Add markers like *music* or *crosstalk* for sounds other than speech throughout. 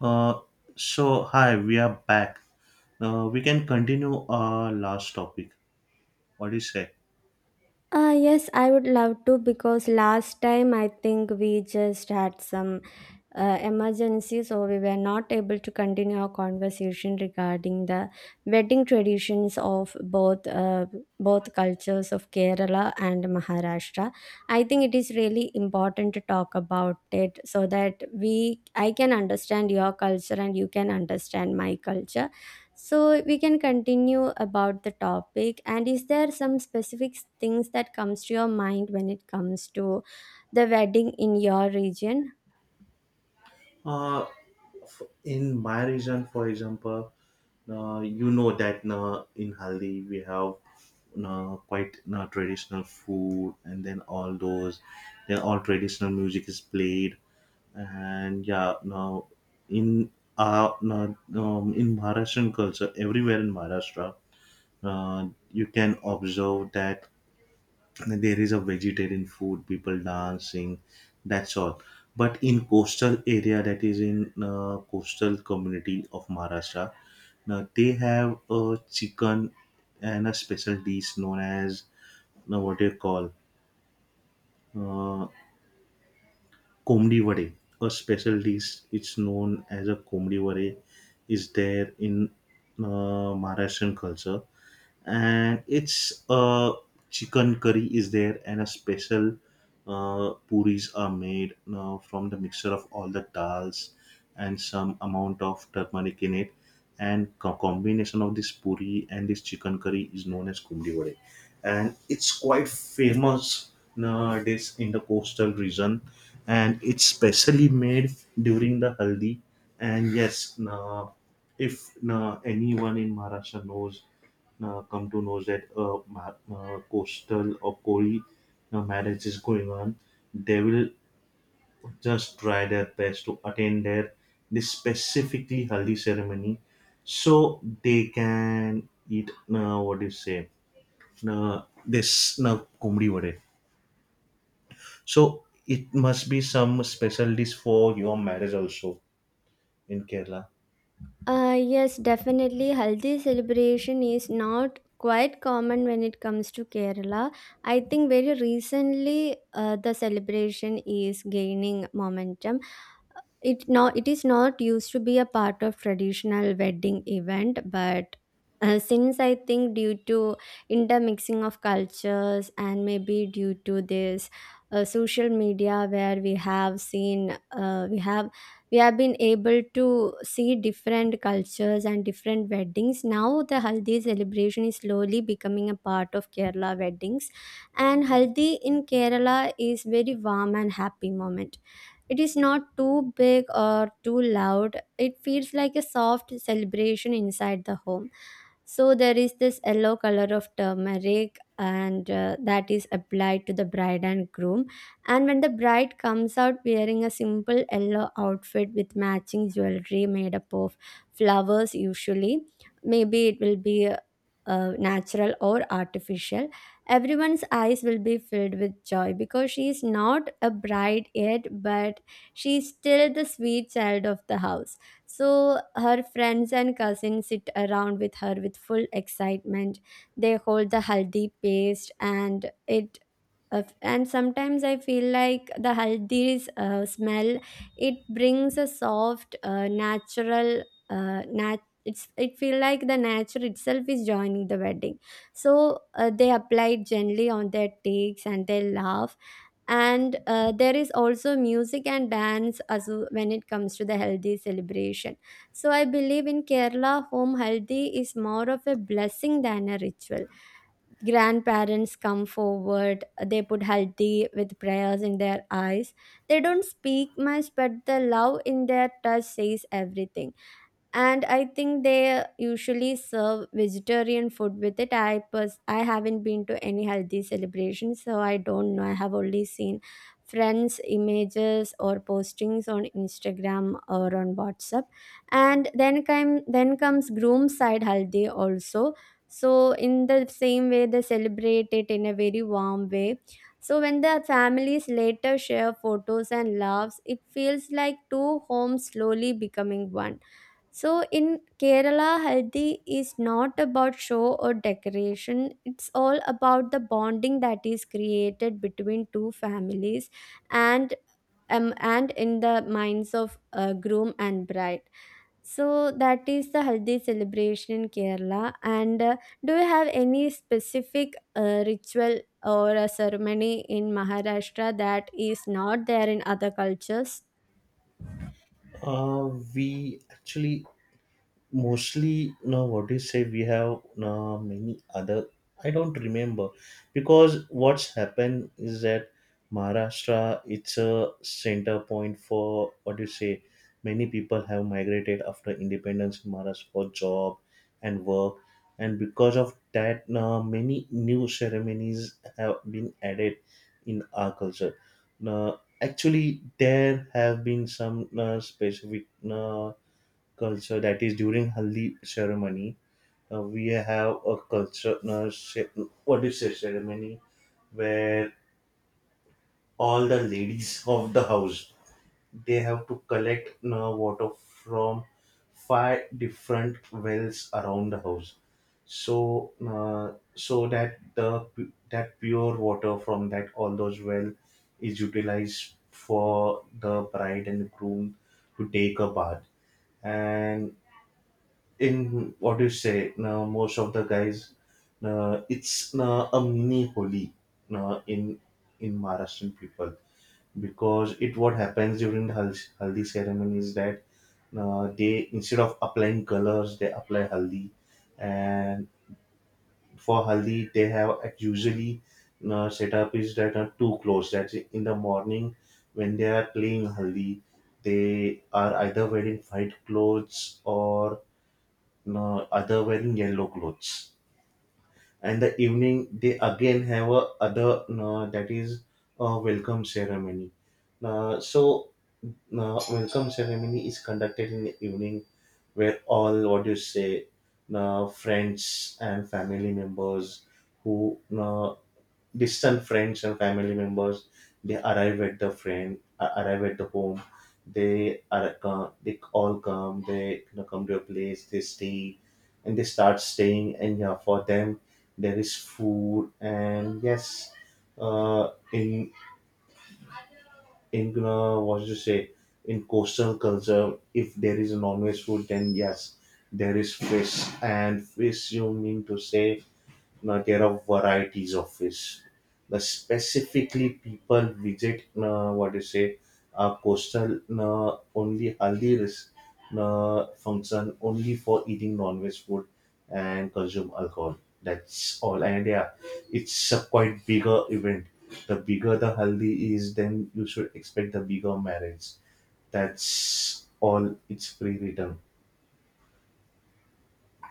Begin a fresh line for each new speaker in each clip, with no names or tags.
Uh, so hi, we are back. We can continue our last topic. What do you say?
Yes, I would love to because last time I think we just had some emergency, so we were not able to continue our conversation regarding the wedding traditions of both both cultures of Kerala and Maharashtra. I think it is really important to talk about it so that we I can understand your culture and you can understand my culture. So we can continue about the topic. And is there some specific things that comes to your mind when it comes to the wedding in your region?
Uh, in my region, for example, you know that in Haldi we have quite traditional food, and then all traditional music is played, and yeah, now in no, in Maharashtrian culture, everywhere in Maharashtra, you can observe that there is a vegetarian food, people dancing, that's all. But in coastal area, that is in coastal community of Maharashtra, now they have a chicken and a special dish known as, now what do you call, uh, komdi vade. A special dish, it's known as a komdi vade, is there in Maharashtrian culture. And it's a chicken curry is there, and a special puris are made from the mixture of all the dals and some amount of turmeric in it. And combination of this puri and this chicken curry is known as kumli vade, and it's quite famous nowadays in the coastal region. And it's specially made during the haldi. And yes, if anyone in Maharashtra knows, come to know that a coastal or Kori marriage is going on, they will just try their best to attend their this specifically haldi ceremony, so they can eat, what do you say this kumri vade. So it must be some special dish for your marriage also in Kerala.
Yes, definitely. Haldi celebration is not quite common when it comes to Kerala. I think very recently the celebration is gaining momentum. It is not used to be a part of traditional wedding event, but since I think due to intermixing of cultures and maybe due to this social media where we have seen uh, we have we have been able to see different cultures and different weddings, now the Haldi celebration is slowly becoming a part of Kerala weddings. And Haldi in Kerala is very warm and happy moment. It is not too big or too loud. It feels like a soft celebration inside the home. So there is this yellow color of turmeric, and that is applied to the bride and groom. And when the bride comes out wearing a simple yellow outfit with matching jewelry made up of flowers, usually, maybe it will be natural or artificial, everyone's eyes will be filled with joy because she is not a bride yet, but she is still the sweet child of the house. So her friends and cousins sit around with her with full excitement. They hold the haldi paste and it and sometimes I feel like the haldi's smell, it brings a soft uh, nat- it's, it feel like the nature itself is joining the wedding. So they applied gently on their takes and they laugh. And there is also music and dance as when it comes to the healthy celebration. So I believe in Kerala home Haldi is more of a blessing than a ritual. Grandparents come forward, they put haldi with prayers in their eyes. They don't speak much, but the love in their touch says everything. And I think they usually serve vegetarian food with it. I haven't been to any healthy celebration, so I don't know. I have only seen friends images or postings on Instagram or on WhatsApp. And then comes groom side haldi also. So in the same way they celebrate it in a very warm way. So when the families later share photos and laughs, it feels like two homes slowly becoming one. So in Kerala, Haldi is not about show or decoration. It's all about the bonding that is created between two families and and in the minds of groom and bride. So that is the Haldi celebration in Kerala. And do you have any specific ritual or a ceremony in Maharashtra that is not there in other cultures?
We actually mostly, now what do you say, we have now many other, I don't remember, because what's happened is that Maharashtra, it's a center point for, what do you say, many people have migrated after independence in Maharashtra for job and work. And because of that, now many new ceremonies have been added in our culture. Now actually there have been some specific culture that is during haldi ceremony. We have a what is a ceremony where all the ladies *laughs* of the house, they have to collect water from five different wells around the house. So so that the that pure water from that all those well is utilized for the bride and groom to take a bath. And in what you say, now most of the guys, it's a mini holi uh, in in Maharashtrian people, because it, what happens during the haldi ceremony is that, they, instead of applying colors, they apply haldi. And for haldi they have at usually, setup is that are two clothes, that in the morning when they are playing haldi, they are either wearing white clothes or, no, other wearing yellow clothes. And the evening they again have a other, no, that is a welcome ceremony. Uh, so Welcome ceremony is conducted in the evening where all, what do you say, friends and family members who distant friends and family members, they arrive at the friend arrive at the home. They are they all come, they, you know, come to a place, they stay, and they start staying. And yeah, for them there is food. And yes, uh in in you know, what to say, in coastal culture, if there a is a non-veg food, then yes, there is fish. And fish, you mean to say, now, there are varieties of fish. The specifically people visit, coastal only haldi function only for eating non-veg food and consume alcohol. That's all. And yeah, it's a quite bigger event. The bigger the haldi is, then you should expect the bigger marriage. That's all, it's pre-written.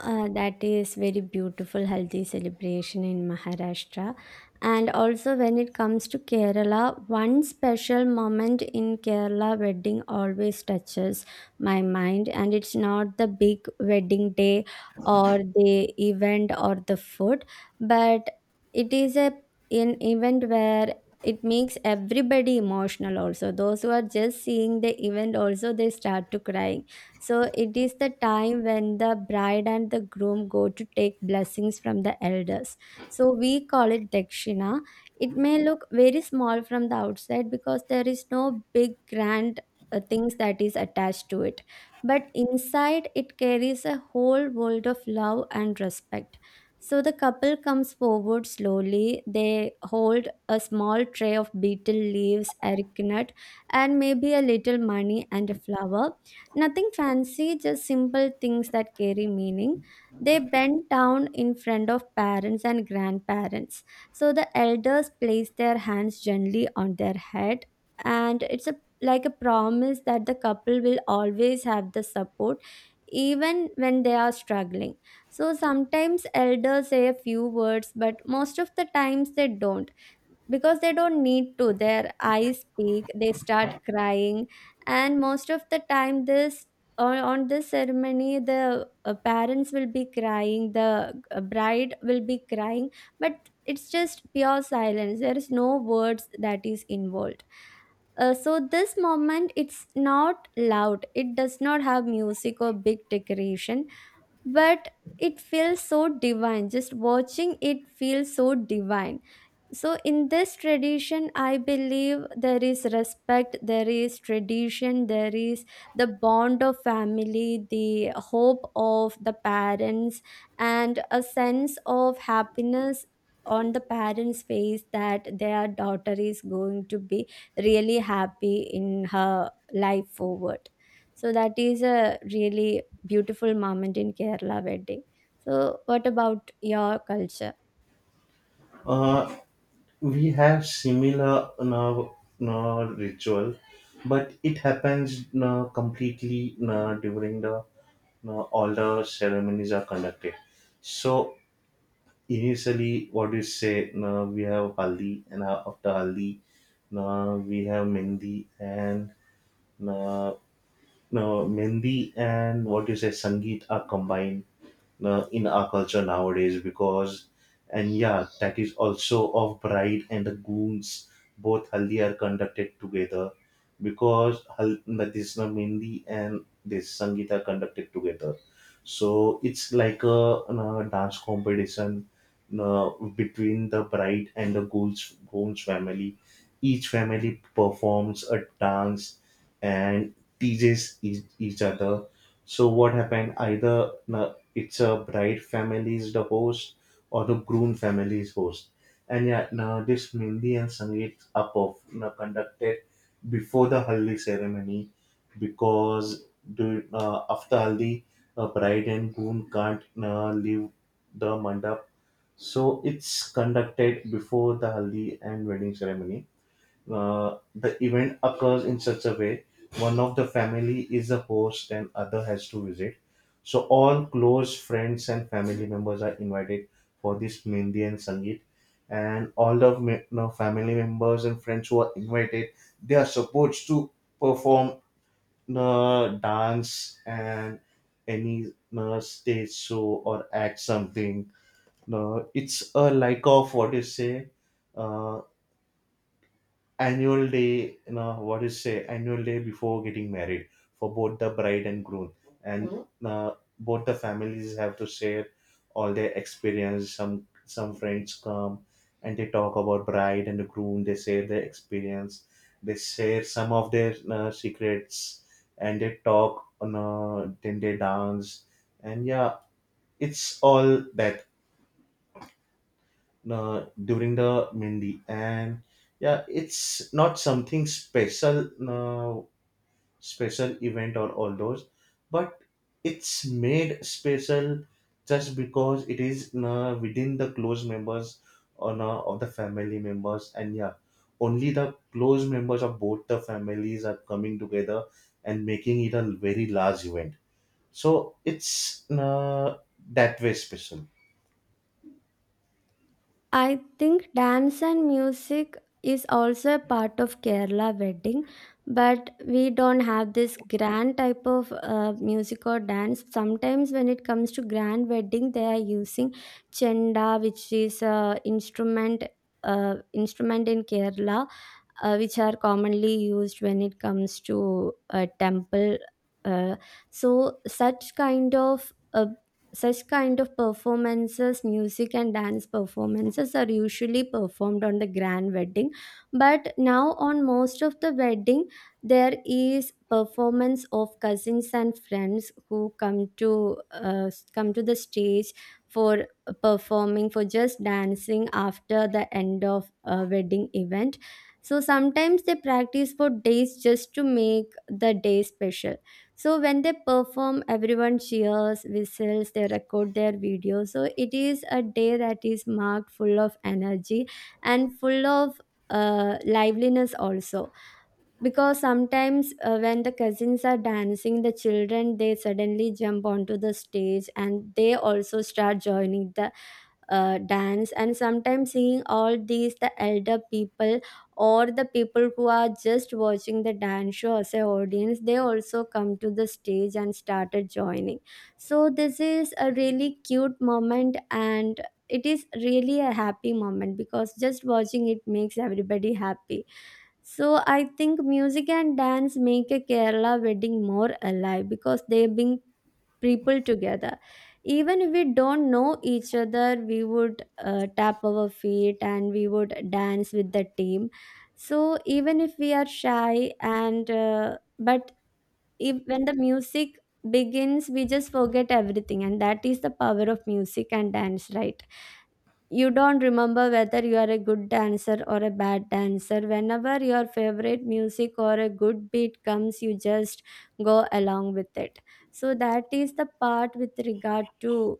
That is very beautiful healthy celebration in Maharashtra. And also when it comes to Kerala, one special moment in Kerala wedding always touches my mind. And it's not the big wedding day or the event or the food, but it is a an event where it makes everybody emotional. Also those who are just seeing the event also they start to cry. So it is the time when the bride and the groom go to take blessings from the elders. So we call it dakshina. It may look very small from the outside because there is no big grand things that is attached to it. But inside it carries a whole world of love and respect. So the couple comes forward slowly. They hold a small tray of betel leaves, areca nut, and maybe a little money and a flower. Nothing fancy, just simple things that carry meaning. They bend down in front of parents and grandparents. So the elders place their hands gently on their head, and it's a like a promise that the couple will always have the support even when they are struggling. So sometimes elders say a few words, but most of the times they don't, because they don't need to. Their eyes peak, they start crying. And most of the time this, on this ceremony, the parents will be crying, the bride will be crying, but it's just pure silence. There is no words that is involved. So this moment, it's not loud, it does not have music or big decoration, but it feels so divine. Just watching, it feels so divine. So in this tradition, I believe there is respect, there is tradition, there is the bond of family, the hope of the parents, and a sense of happiness on the parents' face that their daughter is going to be really happy in her life forward. So that is a really beautiful moment in Kerala wedding. So what about your culture?
Uh, We have similar, no, no ritual, but it happens, no, completely, no, during the, no, all the ceremonies are conducted. So initially, what do you say, no, we have haldi, and after haldi, no, we have mendi, and no, no mendi and what do you say, Sangeet are combined in our culture nowadays, because, and yeah, that is also of bride and the goons, both haldi are conducted together. Because Natisna Mendi and this Sangeet are conducted together. So it's like a, dance competition uh, between the bride and the goons, goons family. Each family performs a dance and teases each other. So what happened? Either it's a bride family is the host or the groom family is host. And yeah, nowadays Mehndi and Sangeet are are conducted before the haldi ceremony. Because the, after haldi, a bride and groom can't leave the mandap. So it's conducted before the haldi and wedding ceremony. The event occurs in such a way, one of the family is the host and other has to visit. So all close friends and family members are invited for this Mehndi and Sangeet. And all the me- no, family members and friends who are invited, they are supposed to perform the dance and any stage show or act something. No, it's a like of what you say, uh, annual day, you know, what is say annual day before getting married for both the bride and groom. And mhm, both the families have to share all their experience. Some friends come and they talk about bride and the groom, they share their experience, they share some of their secrets, and they talk on, then they dance. And yeah, it's all that during the Mindy. And yeah, it's not something special, special event or all those, but it's made special just because it is within the close members or of the family members. And yeah, only the close members of both the families are coming together and making it a very large event. So it's that way special.
I think dance and music is also a part of Kerala wedding, but we don't have this grand type of music or dance. Sometimes when it comes to grand wedding, they are using chenda, which is a instrument, instrument in Kerala, which are commonly used when it comes to a temple. Uh, so such kind of performances, music and dance performances, are usually performed on the grand wedding. But now on most of the wedding there is performance of cousins and friends who come to come to the stage for performing, for just dancing, after the end of a wedding event. So sometimes they practice for days just to make the day special. So when they perform, everyone cheers, whistles, they record their video. So it is a day that is marked full of energy and full of liveliness also. Because sometimes when the cousins are dancing, the children, they suddenly jump onto the stage and they also start joining the dance. And sometimes seeing all these, the elder people or the people who are just watching the dance show as a audience, they also come to the stage and started joining. So this is a really cute moment, and it is really a happy moment because just watching it makes everybody happy. So I think music and dance make a Kerala wedding more alive because they bring people together. Even if we don't know each other, we would tap our feet and we would dance with the team. So even if we are shy and but if when the music begins, we just forget everything, and that is the power of music and dance, right? You don't remember whether you are a good dancer or a bad dancer. Whenever your favorite music or a good beat comes, you just go along with it. So that is the part with regard to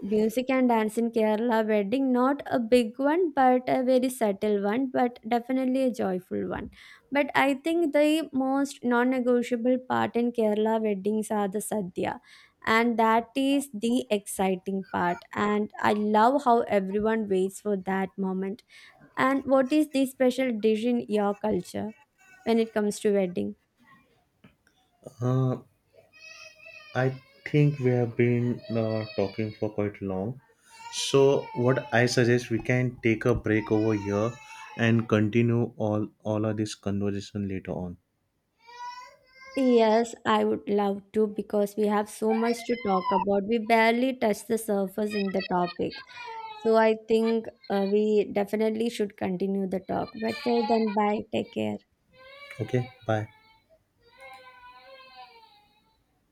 music and dance in Kerala wedding. Not a big one, but a very subtle one, but definitely a joyful one. But I think the most non-negotiable part in Kerala weddings are the sadhya, and that is the exciting part, and I love how everyone waits for that moment. And what is the special dish in your culture when it comes to wedding?
Uh, I think we have been talking for quite long. So what I suggest, we can take a break over here and continue all of this conversation later on.
Yes, I would love to because we have so much to talk about. We barely touched the surface in the topic. So I think we definitely should continue the talk. But till then, bye. Take care.
Okay, bye.